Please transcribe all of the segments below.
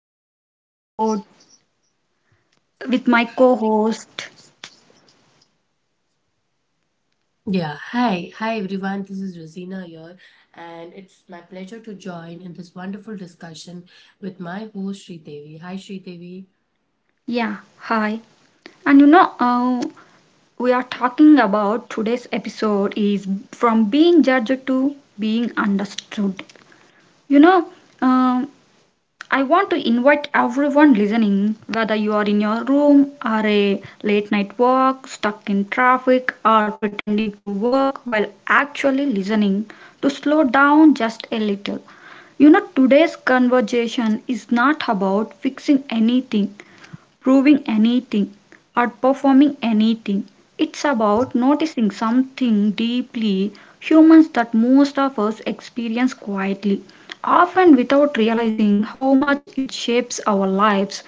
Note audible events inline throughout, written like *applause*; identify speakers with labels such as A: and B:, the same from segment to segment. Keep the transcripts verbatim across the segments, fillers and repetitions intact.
A: today's episode with my co-host.
B: Yeah, hi. Hi everyone. This is Rosina here and it's my pleasure to join in this wonderful discussion with my host Sri Devi. Hi Sri Devi.
A: Yeah, hi. And you know, uh, we are talking about today's episode is from being judged to being understood. You know, um I want to invite everyone listening, whether you are in your room or a late night walk, stuck in traffic, or pretending to work while actually listening, to slow down just a little. You know, today's conversation is not about fixing anything, proving anything or performing anything. It's about noticing something deeply humans that most of us experience quietly, often without realizing how much it shapes our lives.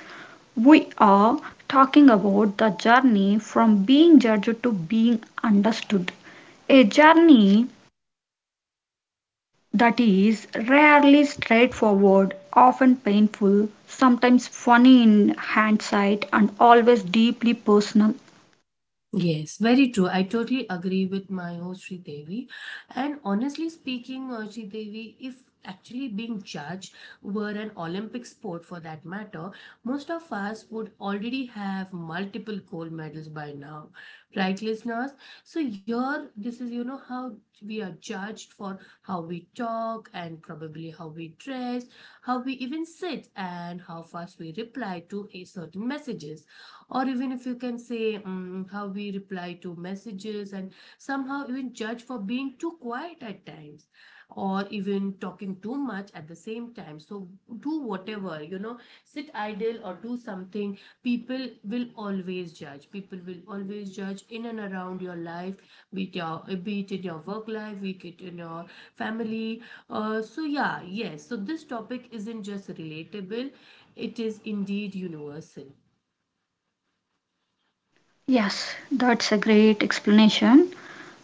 A: We are talking about the journey from being judged to being understood. A journey that is rarely straightforward, often painful, sometimes funny in hindsight, and always deeply personal.
B: Yes, very true. I totally agree with my host Sri Devi. And honestly speaking, uh, Sri Devi, if actually being judged were an Olympic sport for that matter, most of us would already have multiple gold medals by now, right, listeners? So here, this is you know how we are judged for how we talk and probably how we dress, how we even sit, and how fast we reply to a certain messages, or even if you can say mm, how we reply to messages, and somehow even judge for being too quiet at times or even talking too much at the same time. So do whatever, you know sit idle or do something. People will always judge. People will always judge in and around your life, be it your, be it in your work life, be it in your family. Uh, so yeah, yes, so this topic isn't just relatable, it is indeed universal.
A: Yes, that's a great explanation.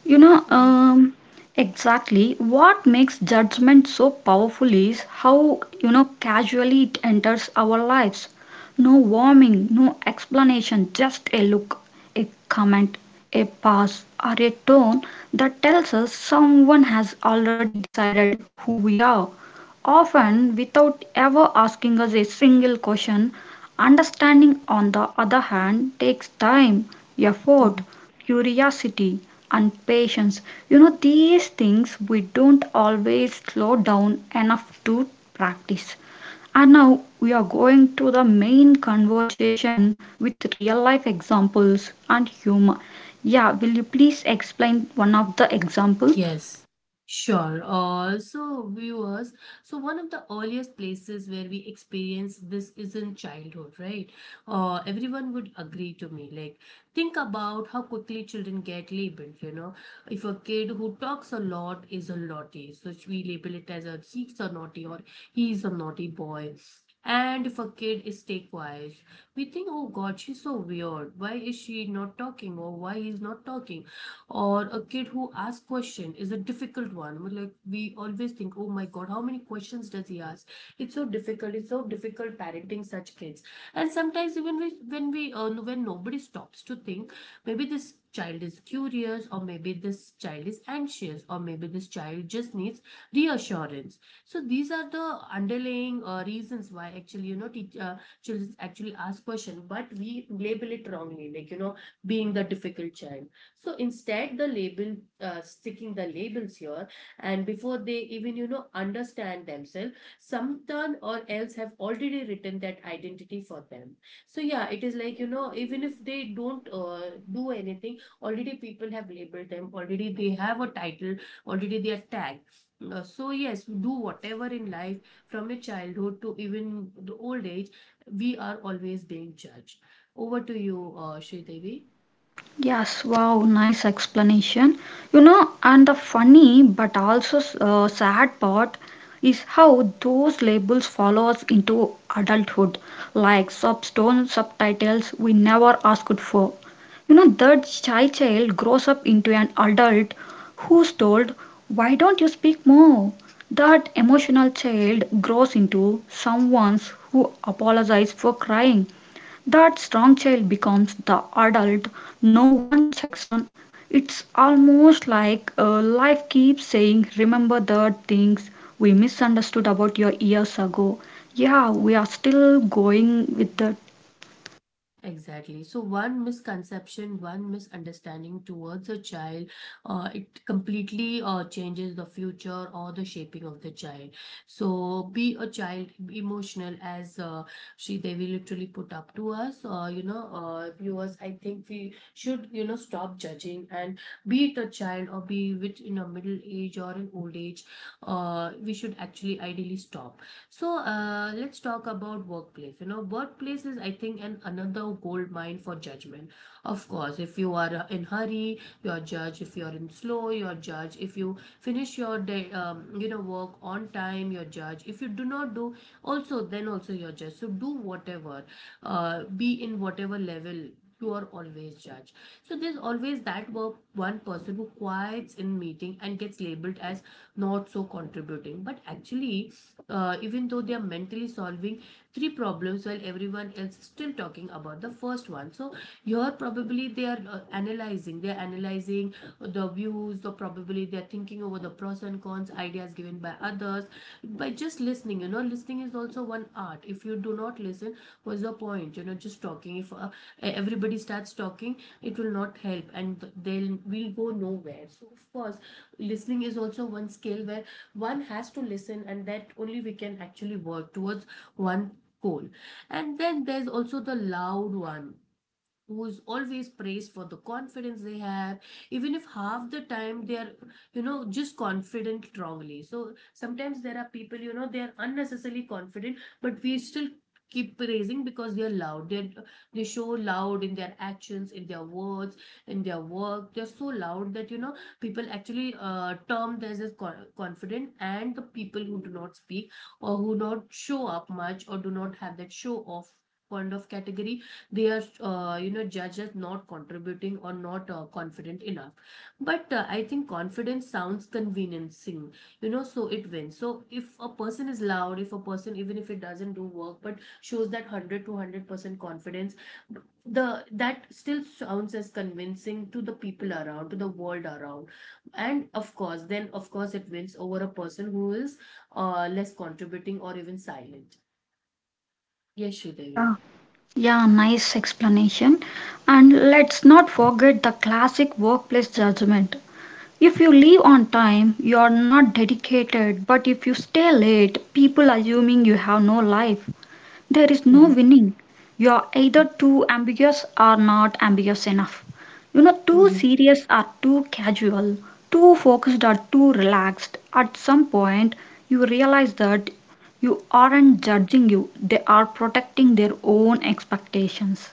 A: You know, um, exactly what makes judgment so powerful is how, you know, casually it enters our lives. No warming, no explanation, just a look, a comment, a pass, or a tone that tells us someone has already decided who we are often without ever asking us a single question. Understanding, on the other hand, takes time, effort,
B: Mhm.
A: curiosity, and patience. You know, these things we don't always slow down enough to practice. And now we are going to the main conversation with real life examples and humor. Yeah, will you please explain one of the example?
B: Yes, sure. Uh, so, viewers, so one of the earliest places where we experience this is in childhood, right? Uh, everyone would agree to me. Like, think about how quickly children get labeled, you know. If a kid who talks a lot is a naughty, so we label it as a he's a naughty, or he's a naughty boy. And if a kid is stay quiet, we think, oh God, she's so weird. Why is she not talking? Or why he's not talking? Or a kid who asks question is a difficult one. We like we always think, oh my god, how many questions does he ask? It's so difficult. It's so difficult parenting such kids. And sometimes even we, when we uh, no, when nobody stops to think maybe this child is curious, or maybe this child is anxious, or maybe this child just needs reassurance. So these are the underlying uh, reasons why actually you know teach, uh, children actually ask question, but we label it wrongly, like you know being the difficult child. So instead, the label uh, sticking the labels here, and before they even you know understand themselves, sometime or else have already written that identity for them. So yeah, it is like you know even if they don't uh, do anything, already people have labeled them. Already they have a title. Already they are tagged. Uh, so yes, we do whatever in life, from a childhood to even the old age, we are always being judged. Over to you, uh, Sri Devi.
A: Yes, wow, nice explanation. You know, and the funny but also uh, sad part is how those labels follow us into adulthood, like substone subtitles we never asked for. You know, that shy child grows up into an adult who's told, "Why don't you speak more?" That emotional child grows into someone who apologizes for crying, that strong child becomes the adult no one checks on. It's almost like uh, life keeps saying, "Remember the things we misunderstood about your years ago." Yeah, we are still going with that.
B: Exactly. So one misconception, one misunderstanding towards a child, uh, it completely uh, changes the future or the shaping of the child. So be a child, be emotional, as uh, Sri Devi literally put up to us. Uh, you know, uh, viewers, I think we should you know stop judging, and be it a child or be it in a middle age or an old age, uh, we should actually ideally stop. So uh, let's talk about workplace. You know, workplace is I think an another gold mine for judgment. Of course, if you are uh, in hurry, you're judged. If you're in slow, you're judged. If you finish your day, um, you know, work on time, you're judged. If you do not do, also then also you're judged. So do whatever, uh, be in whatever level. You are always judged. So there's always that work, one person who quiets in meeting and gets labeled as not so contributing. But actually, uh, even though they are mentally solving three problems while everyone else is still talking about the first one. So you're probably they are uh, analyzing, they're analyzing the views, or probably they're thinking over the pros and cons ideas given by others, by just listening. You know, listening is also one art. If you do not listen, what's the point, you know just talking? If uh, everybody starts talking, it will not help, and they'll we'll go nowhere. So of course, listening is also one skill where one has to listen, and that only we can actually work towards one coal. And then there's also the loud one who's always praised for the confidence they have, even if half the time they are you know just confident wrongly. So sometimes there are people, you know, they are unnecessarily confident, but we still keep praising, because they are loud. They they show loud in their actions, in their words, in their work. They're so loud that, you know, people actually uh, term them as con- confident, and the people who do not speak, or who not show up much, or do not have that show off kind of category, they are, uh, you know, judged as not contributing or not uh, confident enough. But uh, I think confidence sounds conveniencing, you know, so it wins. So if a person is loud, if a person even if it doesn't do work but shows that one hundred to one hundred percent confidence, the that still sounds as convincing to the people around, to the world around. And of course, then of course it wins over a person who is uh, less contributing or even silent. Yes, Devi.
A: Yeah, yeah, nice explanation. And let's not forget the classic workplace judgment. If you leave on time, you are not dedicated, but if you stay late, people assuming you have no life. There is no winning. You are either too ambiguous or not ambiguous enough. You know, too serious or too casual, too focused or too relaxed. At some point, you realize that you aren't judging you, they are protecting their own expectations.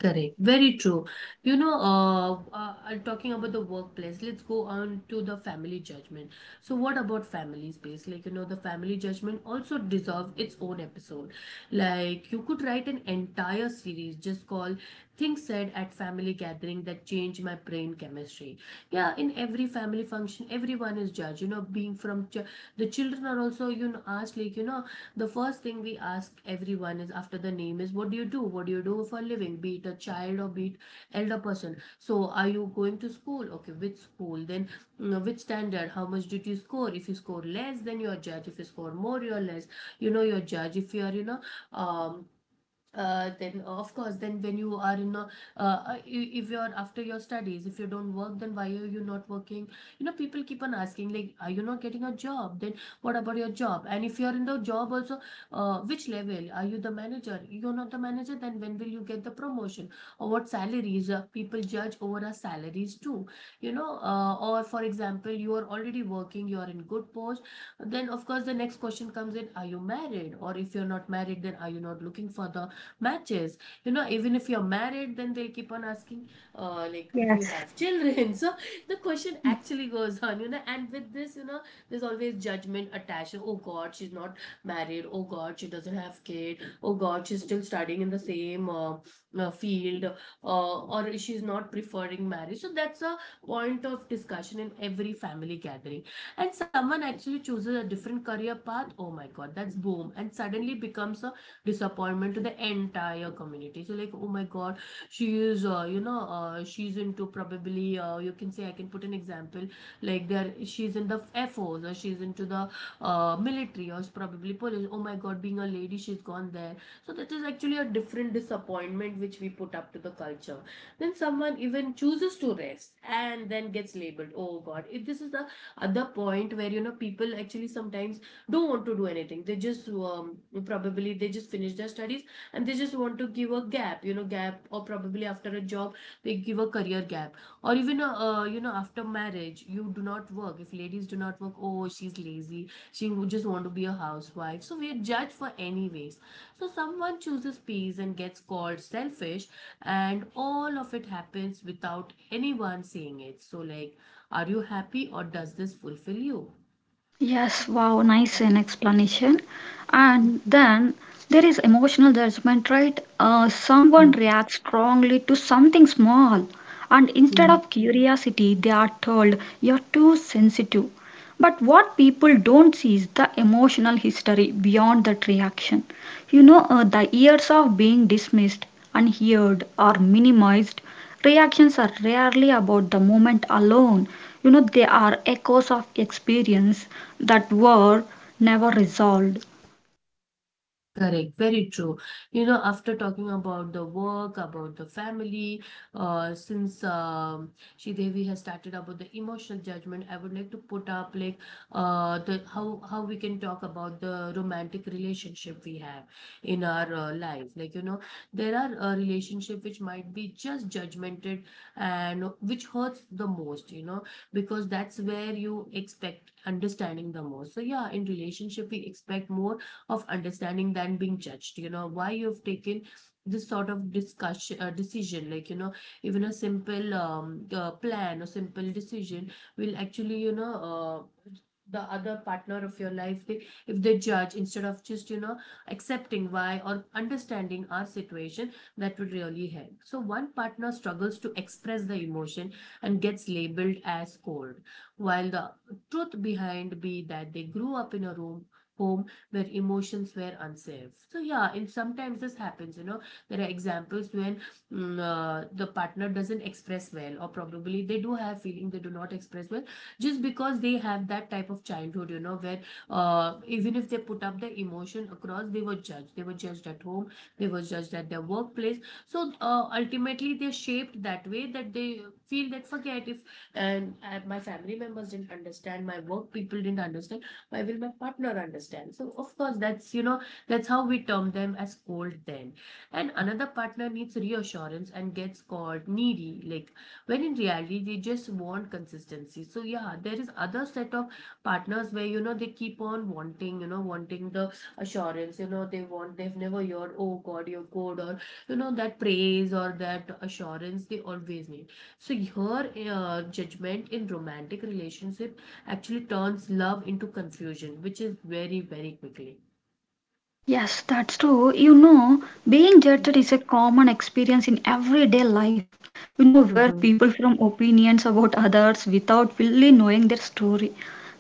B: Correct. Very true. You know, uh, uh, uh, talking about the workplace, let's go on to the family judgment. So, what about family space? Like, you know, the family judgment also deserved its own episode. Like, you could write an entire series just called Things Said at Family Gathering That Changed My Brain Chemistry. Yeah, in every family function, everyone is judged. You know, being from ch- the children are also, you know, asked, like, you know, the first thing we ask everyone is after the name is, what do you do? What do you do for a living? Be it a child or be it elder person. So are you going to school? Okay, which school? Then you know, which standard? How much did you score? If you score less, then you're judged. If you score more, you're less. You know, you're judged. If you are, you know, um uh, then uh, of course then when you are in a uh, uh, i- if you're after your studies, if you don't work, then why are you not working? You know, people keep on asking, like, are you not getting a job? Then what about your job? And if you're in the job also, uh, which level are you, the manager? You're not the manager? Then when will you get the promotion? Or what salaries? Uh, people judge over our salaries too, you know. Uh, or for example, you are already working, you're in good post, then of course the next question comes in, are you married? Or if you're not married, then are you not looking for the matches? You know, even if you're married, then they'll keep on asking, uh, like, do you
A: Yes.
B: have children? *laughs* So the question actually goes on, you know, and with this, you know, there's always judgment attached. Oh god, she's not married. Oh god, she doesn't have kid. Oh god, she's still studying in the same uh, uh, field. Uh, or she's not preferring marriage. So that's a point of discussion in every family gathering. And someone actually chooses a different career path, oh my god, that's boom, and suddenly becomes a disappointment to the entire community. So like, oh my god, she is, uh, you know, uh, she's into probably, uh, you can say I can put an example, like there she's in the air force, or she's into the uh, military, or she's probably police. Oh my god, being a lady, she's gone there. So that is actually a different disappointment which we put up to the culture. Then someone even chooses to rest and then gets labeled, oh god, if this is the other point where, you know, people actually sometimes don't want to do anything. They just um, probably they just finish their studies, and they just want to give a gap, you know, gap, or probably after a job they give a career gap. Or even a, uh, you know, after marriage you do not work, if ladies do not work, oh she's lazy, she would just want to be a housewife. So we are judged for anyways. So someone chooses peace and gets called selfish, and all of it happens without anyone saying it. So like, are you happy, or does this fulfill you?
A: Yes, wow, nice an explanation. And then there is emotional judgment, right? Uh, someone reacts strongly to something small, and instead
B: Mm.
A: of curiosity, they are told you're too sensitive. But what people don't see is the emotional history beyond that reaction. You know, uh, the years of being dismissed, unheard, or minimized, reactions are rarely about the moment alone. You know, they are echoes of experience that were never resolved.
B: Correct, very true. You know, after talking about the work, about the family, uh, since um, Sri Devi has started about the emotional judgment, I would like to put up, like, uh, the how how we can talk about the romantic relationship we have in our uh, life. Like, you know, there are a relationship which might be just judgmented and which hurts the most. You know, because that's where you expect understanding the most. So yeah, in relationship we expect more of understanding than being judged, you know, why you've taken this sort of discussion uh, decision like you know, even a simple um, uh, plan or simple decision will actually you know uh, the other partner of your life, they, if they judge instead of just, you know, accepting why or understanding our situation, that would really help. So one partner struggles to express the emotion and gets labeled as cold, while the truth behind be that they grew up in a room home where emotions were unsafe. So yeah, and sometimes this happens, you know, there are examples when mm, uh, the partner doesn't express well, or probably they do have feeling, they do not express well just because they have that type of childhood, you know, where uh, even if they put up their emotion across, they were judged, they were judged at home, they were judged at their workplace. So uh, ultimately they're shaped that way, that they feel that forget if and uh, my family members didn't understand, my work people didn't understand, why will my partner understand? So of course, that's you know, that's how we term them as cold then. And another partner needs reassurance and gets called needy, like when in reality they just want consistency. So yeah, there is other set of partners where, you know, they keep on wanting, you know, wanting the assurance. You know, they want, they've never heard, oh god, you're good, or you know, that praise or that assurance, they always need. So your uh, judgment in romantic relationship actually turns love into confusion, which is very, very quickly.
A: Yes, that's true. You know, being judged is a common experience in everyday life. You know, where
B: Mm-hmm.
A: people form opinions about others without fully knowing their story.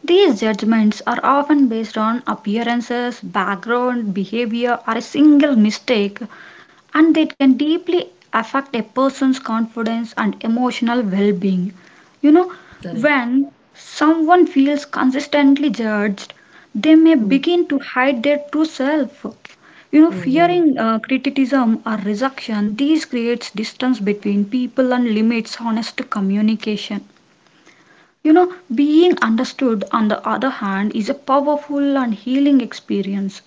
A: These judgments are often based on appearances, background, behavior, or a single mistake and it can deeply affect a person's confidence and emotional well being. You know,
B: Correct.
A: when someone feels consistently judged, they may begin to hide their true self. You know,
B: Mm-hmm.
A: fearing uh, criticism or rejection, these creates distance between people and limits honest communication. You know, being understood, on the other hand, is a powerful and healing experience.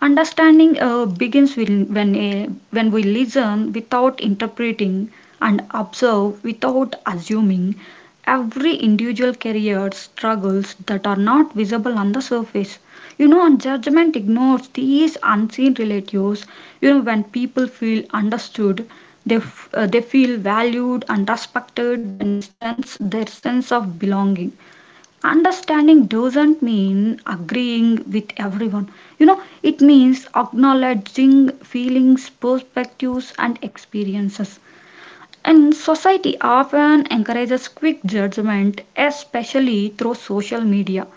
A: Understanding uh, begins when, when, a, when we listen without interpreting and observe without assuming every individual carrier struggles that are not visible on the surface. You know, and judgment ignores these unseen relatives. You know, when people feel understood, they, f- uh, they feel valued and respected when strengthens their sense of belonging. Understanding doesn't mean agreeing with everyone. You know, it means acknowledging feelings, perspectives, and experiences. And society often encourages quick judgment, especially through social media,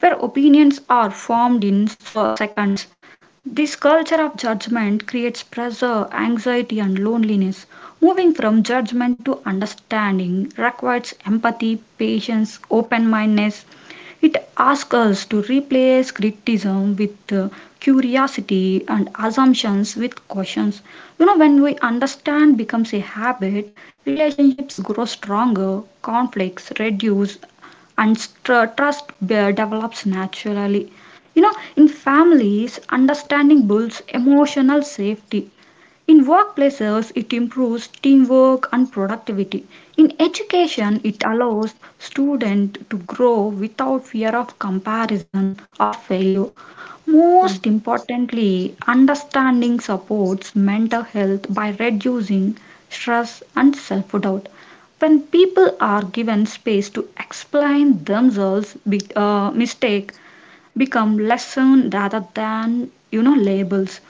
A: where opinions are formed in so- seconds. This culture of judgment creates pressure, anxiety, and loneliness. Moving from judgment to understanding requires empathy, patience, open mindedness, it asks us to replace criticism with uh, curiosity and assumptions with cautions. You know, when we understand becomes a habit, relationships grow stronger, conflicts reduce, and str- trust be- develops naturally. You know, in families, understanding builds emotional safety. In workplaces, it improves teamwork and productivity. In education, it allows students to grow without fear of comparison or failure.
B: Mm-hmm.
A: Most importantly, understanding supports mental health by reducing stress and self doubt. When people are given space to explain themselves, be- uh, mistake become lesson rather than you know labels.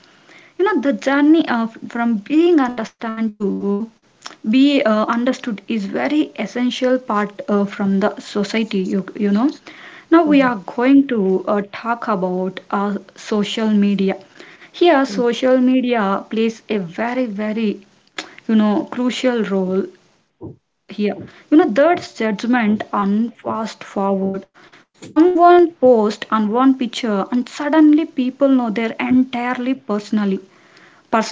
A: You know the journey of from being understand to be uh, understood is very essential part uh, from the society you, you know now we are going to uh, talk about uh, social media. Here social media plays a very very you know crucial role here you know that's judgment and fast forward someone post on one picture and suddenly people know their entirely personally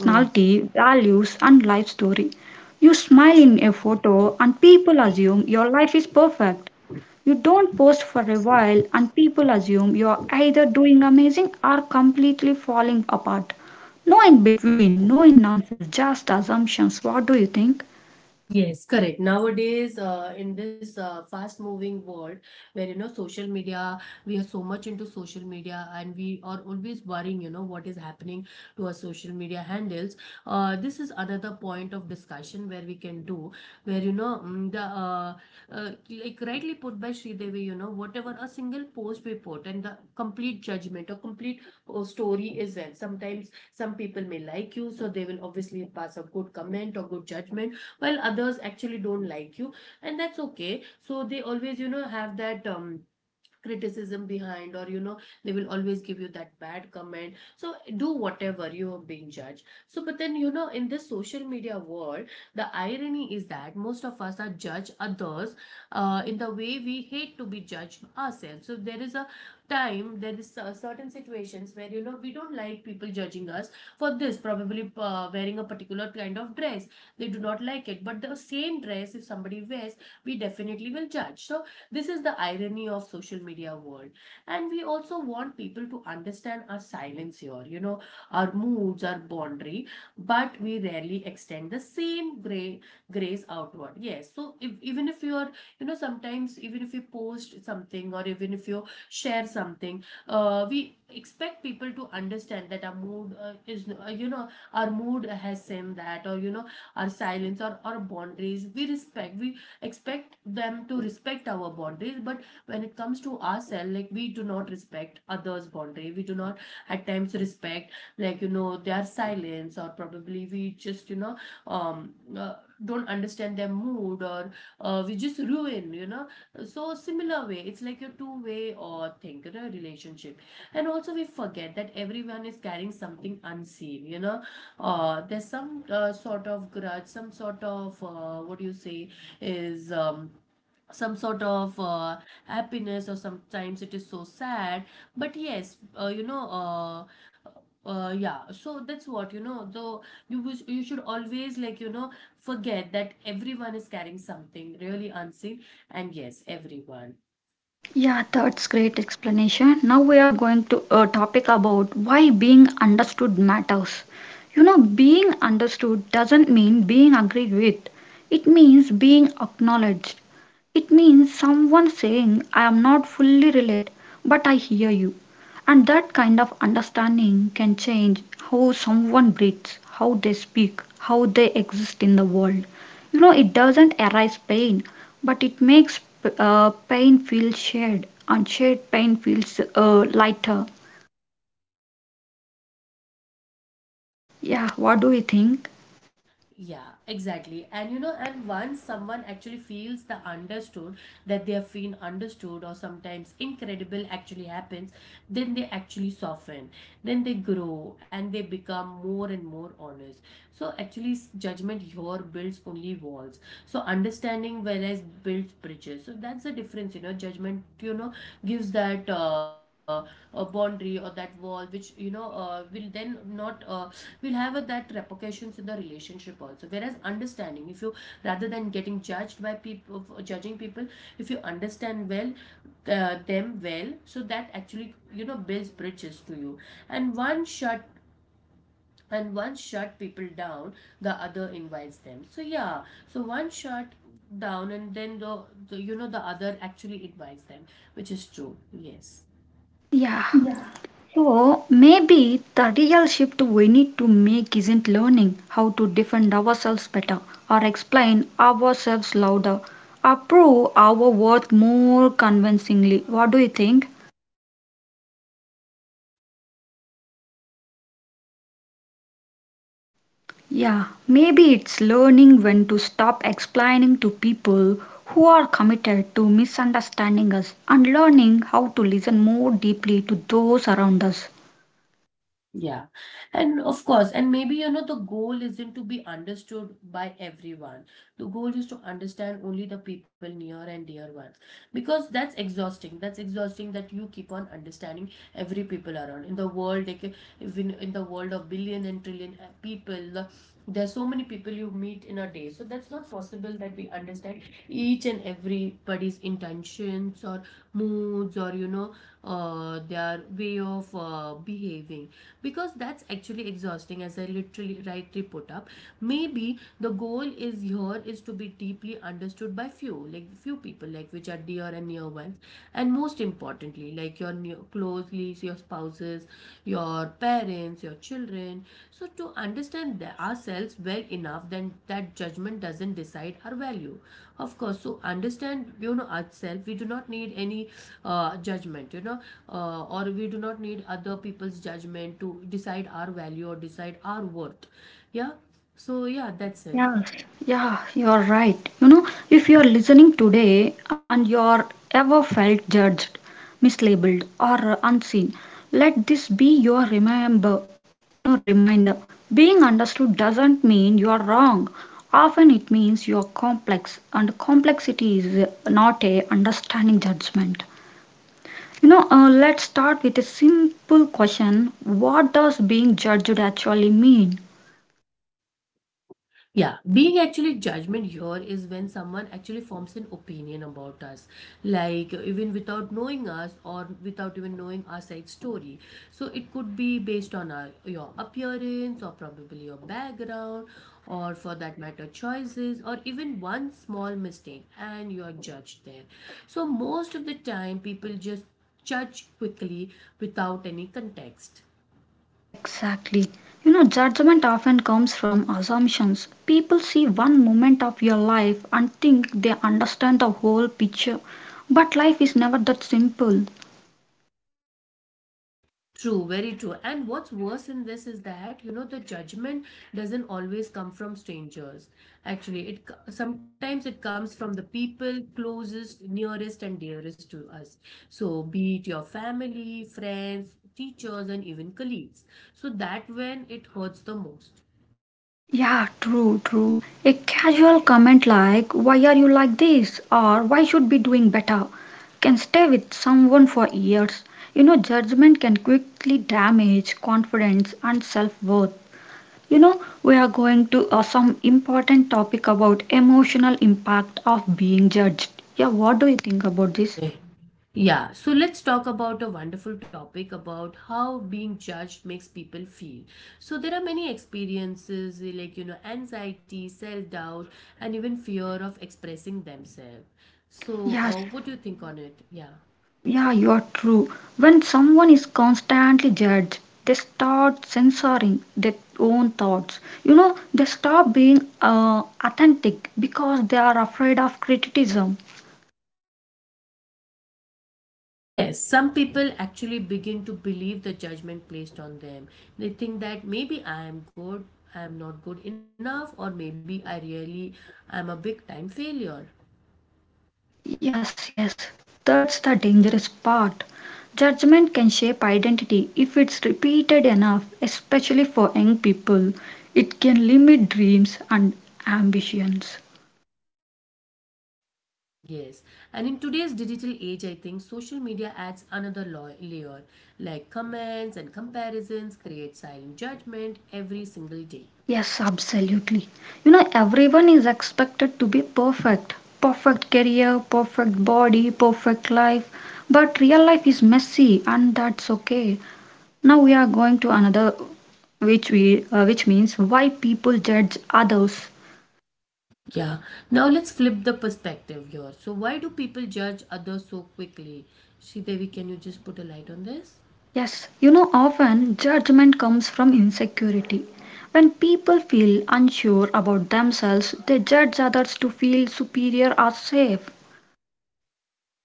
B: Mm-hmm.
A: values, and life story. You smile in a photo, and people assume your life is perfect. You don't post for a while, and people assume you're either doing amazing or completely falling apart. No in between, no in nonsense, just assumptions. What do you think?
B: Yes, correct. Nowadays, uh, in this uh, fast-moving world, where you know social media, we are so much into social media, and we are always worrying, you know, what is happening to our social media handles. Uh, this is another point of discussion where we can do, where you know mm, the uh, uh, like rightly put by Sridevi, you know, whatever a single post we put and the complete judgment or complete uh, story is there. Sometimes some people may like you, so they will obviously pass a good comment or good judgment, while others actually don't like you, and that's okay. So they always, you know, have that um criticism behind, or you know, they will always give you that bad comment. So do whatever, you are being judged. So but then you know, in this social media world, the irony is that most of us are judge others uh, in the way we hate to be judged ourselves. So there is a time, there is uh, certain situations where you know we don't like people judging us for this, probably uh, wearing a particular kind of dress they do not like it, but the same dress if somebody wears, we definitely will judge. So this is the irony of social media world. And we also want people to understand our silence here, you know, our moods, our boundary, but we rarely extend the same gray grace outward. Yes, so if, even if you're, you know, sometimes even if you post something or even if you share something, uh, we expect people to understand that our mood uh, is uh, you know, our mood has same that, or you know, our silence or our boundaries we respect, we expect them to respect our boundaries, but when it comes to ourselves, like, we do not respect others boundary, we do not at times respect, like you know, their silence, or probably we just, you know, um uh, don't understand their mood, or uh, we just ruin, you know. So similar way, it's like a two way or thing, you know, relationship. And also we forget that everyone is carrying something unseen, you know, uh, there's some uh, sort of grudge, some sort of uh, what do you say, is um, some sort of uh, happiness, or sometimes it is so sad. But yes, uh, you know uh, uh, uh, yeah, so that's what, you know, though you wish, you should always, like you know, forget that everyone is carrying something really unseen. And yes, everyone.
A: Yeah, that's great explanation. Now we are going to a topic about why being understood matters. You know, being understood doesn't mean being agreed with. It means being acknowledged. It means someone saying, "I am not fully relate, but I hear you." And that kind of understanding can change how someone breathes, how they speak, how they exist in the world. You know, it doesn't erase pain, but it makes uh, pain feel shared, and shared pain feels uh, lighter. Yeah, what do you think?
B: Yeah, exactly. And you know, and once someone actually feels the understood, that they have been understood, or sometimes incredible actually happens, then they actually soften, then they grow, and they become more and more honest. So actually, s- judgment here builds only walls. So, understanding whereas builds bridges. So that's the difference, you know. Judgment, you know, gives that uh, a boundary or that wall, which, you know, uh, will then not. Uh, will have a, that repercussions in the relationship also, whereas understanding, if you, rather than getting judged by people, judging people, if you understand well uh, them well, so that actually, you know, builds bridges to you. and one shut and one shut people down, the other invites them. So yeah, so one shut down and then the, the you know, the other actually invites them, which is true. Yes.
A: Yeah.
B: Yeah.
A: So maybe the real shift we need to make isn't learning how to defend ourselves better or explain ourselves louder or prove our worth more convincingly. What do you think? Yeah, maybe it's learning when to stop explaining to people who are committed to misunderstanding us and learning how to listen more deeply to those around us.
B: Yeah, and of course, and maybe you know, the goal isn't to be understood by everyone. The goal is to understand only the people near and dear ones, because that's exhausting. That's exhausting, that you keep on understanding every people around in the world, like uh, even in the world of billion and trillion uh, people. the- There's so many people you meet in a day, so that's not possible that we understand each and everybody's intentions, or moods, or you know, uh, their way of uh, behaving, because that's actually exhausting. As I literally rightly put up, maybe the goal is here is to be deeply understood by few, like few people, like which are dear and near ones, and most importantly, like your near, closely, your spouses, your parents, your children. So to understand the- ourselves well enough, then that judgment doesn't decide our value. Of course, so understand, you know, ourselves, we do not need any uh, judgment, you know, uh, or we do not need other people's judgment to decide our value or decide our worth. Yeah, so yeah, that's it.
A: Yeah, you're right. You know, if you're listening today and you're ever felt judged, mislabeled, or unseen, let this be your remember, you know, reminder. Being understood doesn't mean you're wrong. Often it means you're complex, and complexity is not a understanding judgment. You know, uh, let's start with a simple question. What does being judged actually mean?
B: Yeah, being actually judgment here is when someone actually forms an opinion about us, like uh, even without knowing us, or without even knowing our side story. So it could be based on our, your appearance, or probably your background, or for that matter choices, or even one small mistake, and you're judged there. So most of the time people just judge quickly without any context.
A: Exactly. You know, judgment often comes from assumptions. People see one moment of your life and think they understand the whole picture. But life is never that simple.
B: True, very true. And what's worse in this is that, you know, the judgment doesn't always come from strangers. Actually, it co- sometimes it comes from the people closest, nearest and dearest to us. So, be it your family, friends, teachers and even colleagues. So that when it hurts the most.
A: Yeah, true, true. A casual comment like, "Why are you like this?" or "Why should be doing better?" can stay with someone for years. You know, judgment can quickly damage confidence and self worth. You know, we are going to uh, some important topic about emotional impact of being judged. Yeah, what do you think about this?
B: Okay. Yeah, so let's talk about a wonderful topic about how being judged makes people feel. So there are many experiences eh, like you know, anxiety, self-doubt, and even fear of expressing themselves. So
A: Yes,
B: uh, what do you think on it? Yeah.
A: yeah, you are true. When someone is constantly judged, they start censoring their own thoughts. You know, they stop being uh, authentic because they are afraid of criticism.
B: Yes, some people actually begin to believe the judgment placed on them. They think that maybe I am good, I am not good enough, or maybe I really am a big time failure.
A: Yes, yes, that's the dangerous part. Judgment can shape identity if it's repeated enough, especially for young people. It can limit dreams and ambitions.
B: Yes, and in today's digital age, I think social media adds another lo- layer, like comments and comparisons create silent judgment every single day.
A: Yes, absolutely. You know, everyone is expected to be perfect, perfect career, perfect body, perfect life. But real life is messy, and that's okay. Now we are going to another, which we, uh, which means why people judge others.
B: Yeah, now let's flip the perspective here. So, why do people judge others so quickly? Sridevi, can you just put a light on this?
A: Yes, you know, often judgment comes from insecurity. When people feel unsure about themselves, they judge others to feel superior or safe.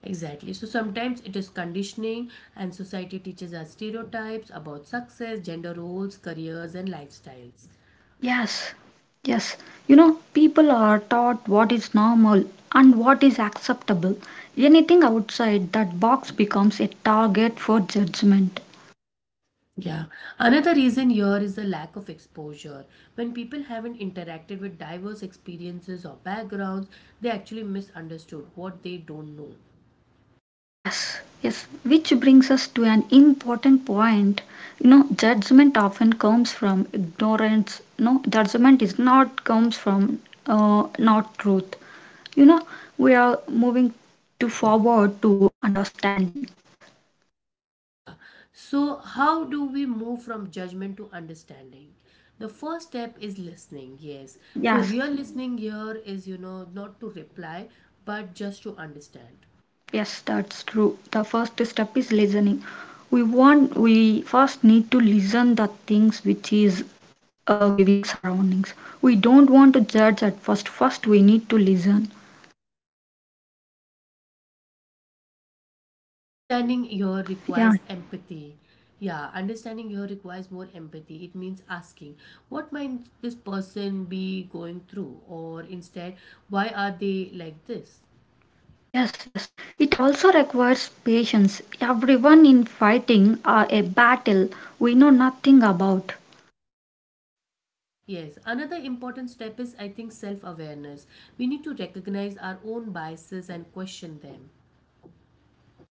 B: Exactly. So sometimes it is conditioning, and society teaches us stereotypes about success, gender roles, careers, and lifestyles.
A: Yes, yes, you know, people are taught what is normal and what is acceptable. Anything outside that box becomes a target for judgment.
B: Yeah, another reason here is the lack of exposure. When people haven't interacted with diverse experiences or backgrounds, they actually misunderstood what they don't know.
A: Yes, yes, which brings us to an important point. You know, judgment often comes from ignorance. No, judgment is not comes from uh, not truth. You know, we are moving to forward to understanding.
B: Yeah, so how do we move from judgment to understanding? The first step is listening, yes. So,
A: Yes,
B: real listening here is, you know, not to reply, but just to understand.
A: yes, that's true. The first step is listening. We want we first need to listen the things which is uh, giving surroundings. We don't want to judge at first. First, we need to listen.
B: Understanding here
A: Yeah.
B: requires empathy. Yeah, understanding here requires more empathy. It means asking, what might this person be going through? Or instead, why are they like this?
A: Yes, yes. It also requires patience. Everyone in fighting uh, a battle we know nothing about.
B: Yes, another important step is, I think, self awareness. We need to recognize our own biases and question them.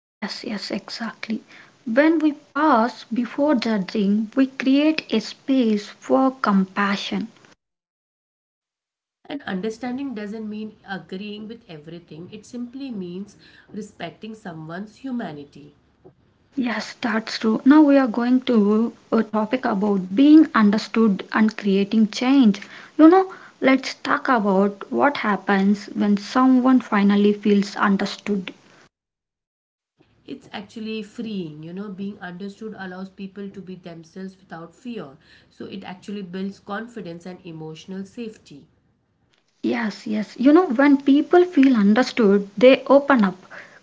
A: Yes, yes, exactly. When we pause before judging, we create a space for compassion.
B: And understanding doesn't mean agreeing with everything, it simply means respecting someone's humanity.
A: Yes, that's true. Now we are going to a topic about being understood and creating change. You know, let's talk about what happens when someone finally feels understood.
B: It's actually freeing, you know, being understood allows people to be themselves without fear. So it actually builds confidence and emotional safety.
A: Yes, yes. You know, when people feel understood, they open up.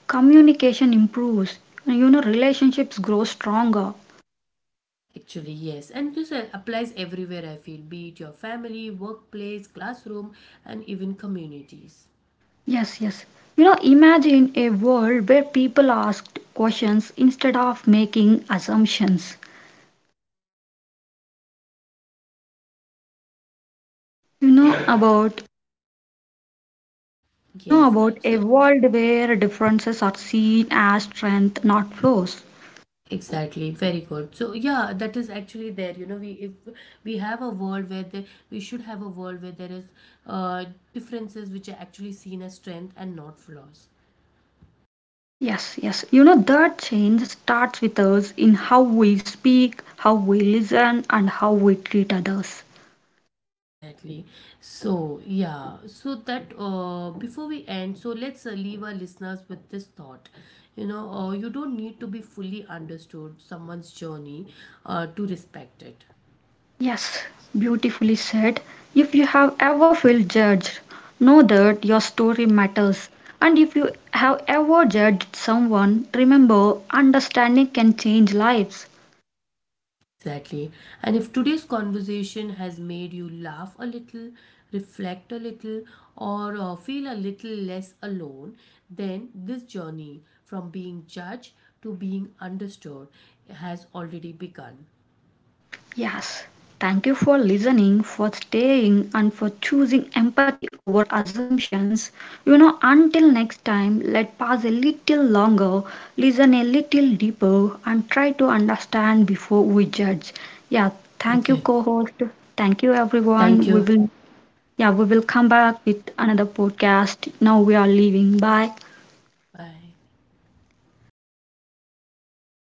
A: Communication improves. You know, relationships grow stronger.
B: Actually, yes. And this uh, applies everywhere, I feel, be it your family, workplace, classroom, and even communities.
A: Yes, yes. You know, imagine a world where people asked questions instead of making assumptions. You know about uh, you know
B: Yes.
A: about a
B: So
A: world where differences are seen as strength, not flaws.
B: exactly, very good. So yeah, that is actually there, you know, we if we have a world where the, we should have a world where there is uh, differences which are actually seen as strength and not flaws.
A: Yes, yes. You know that change starts with us in how we speak, how we listen, and how we treat others.
B: Exactly. So yeah, so that uh, before we end, so let's uh, leave our listeners with this thought. You know, uh, you don't need to be fully understood someone's journey uh, to respect it.
A: Yes, beautifully said. If you have ever felt judged, know that your story matters. And if you have ever judged someone, remember understanding can change lives.
B: Exactly. And if today's conversation has made you laugh a little, reflect a little, or uh, feel a little less alone, then this journey from being judged to being understood has already begun.
A: Yes. Thank you for listening, for staying, and for choosing empathy over assumptions. You know, until next time, let pause a little longer, listen a little deeper, and try to understand before we judge. Yeah, thank you,
B: Okay.
A: co host. Thank you,
B: Thank
A: everyone. We
B: you.
A: will, yeah, we will come back with another podcast. Now we are leaving. Bye.
B: Bye.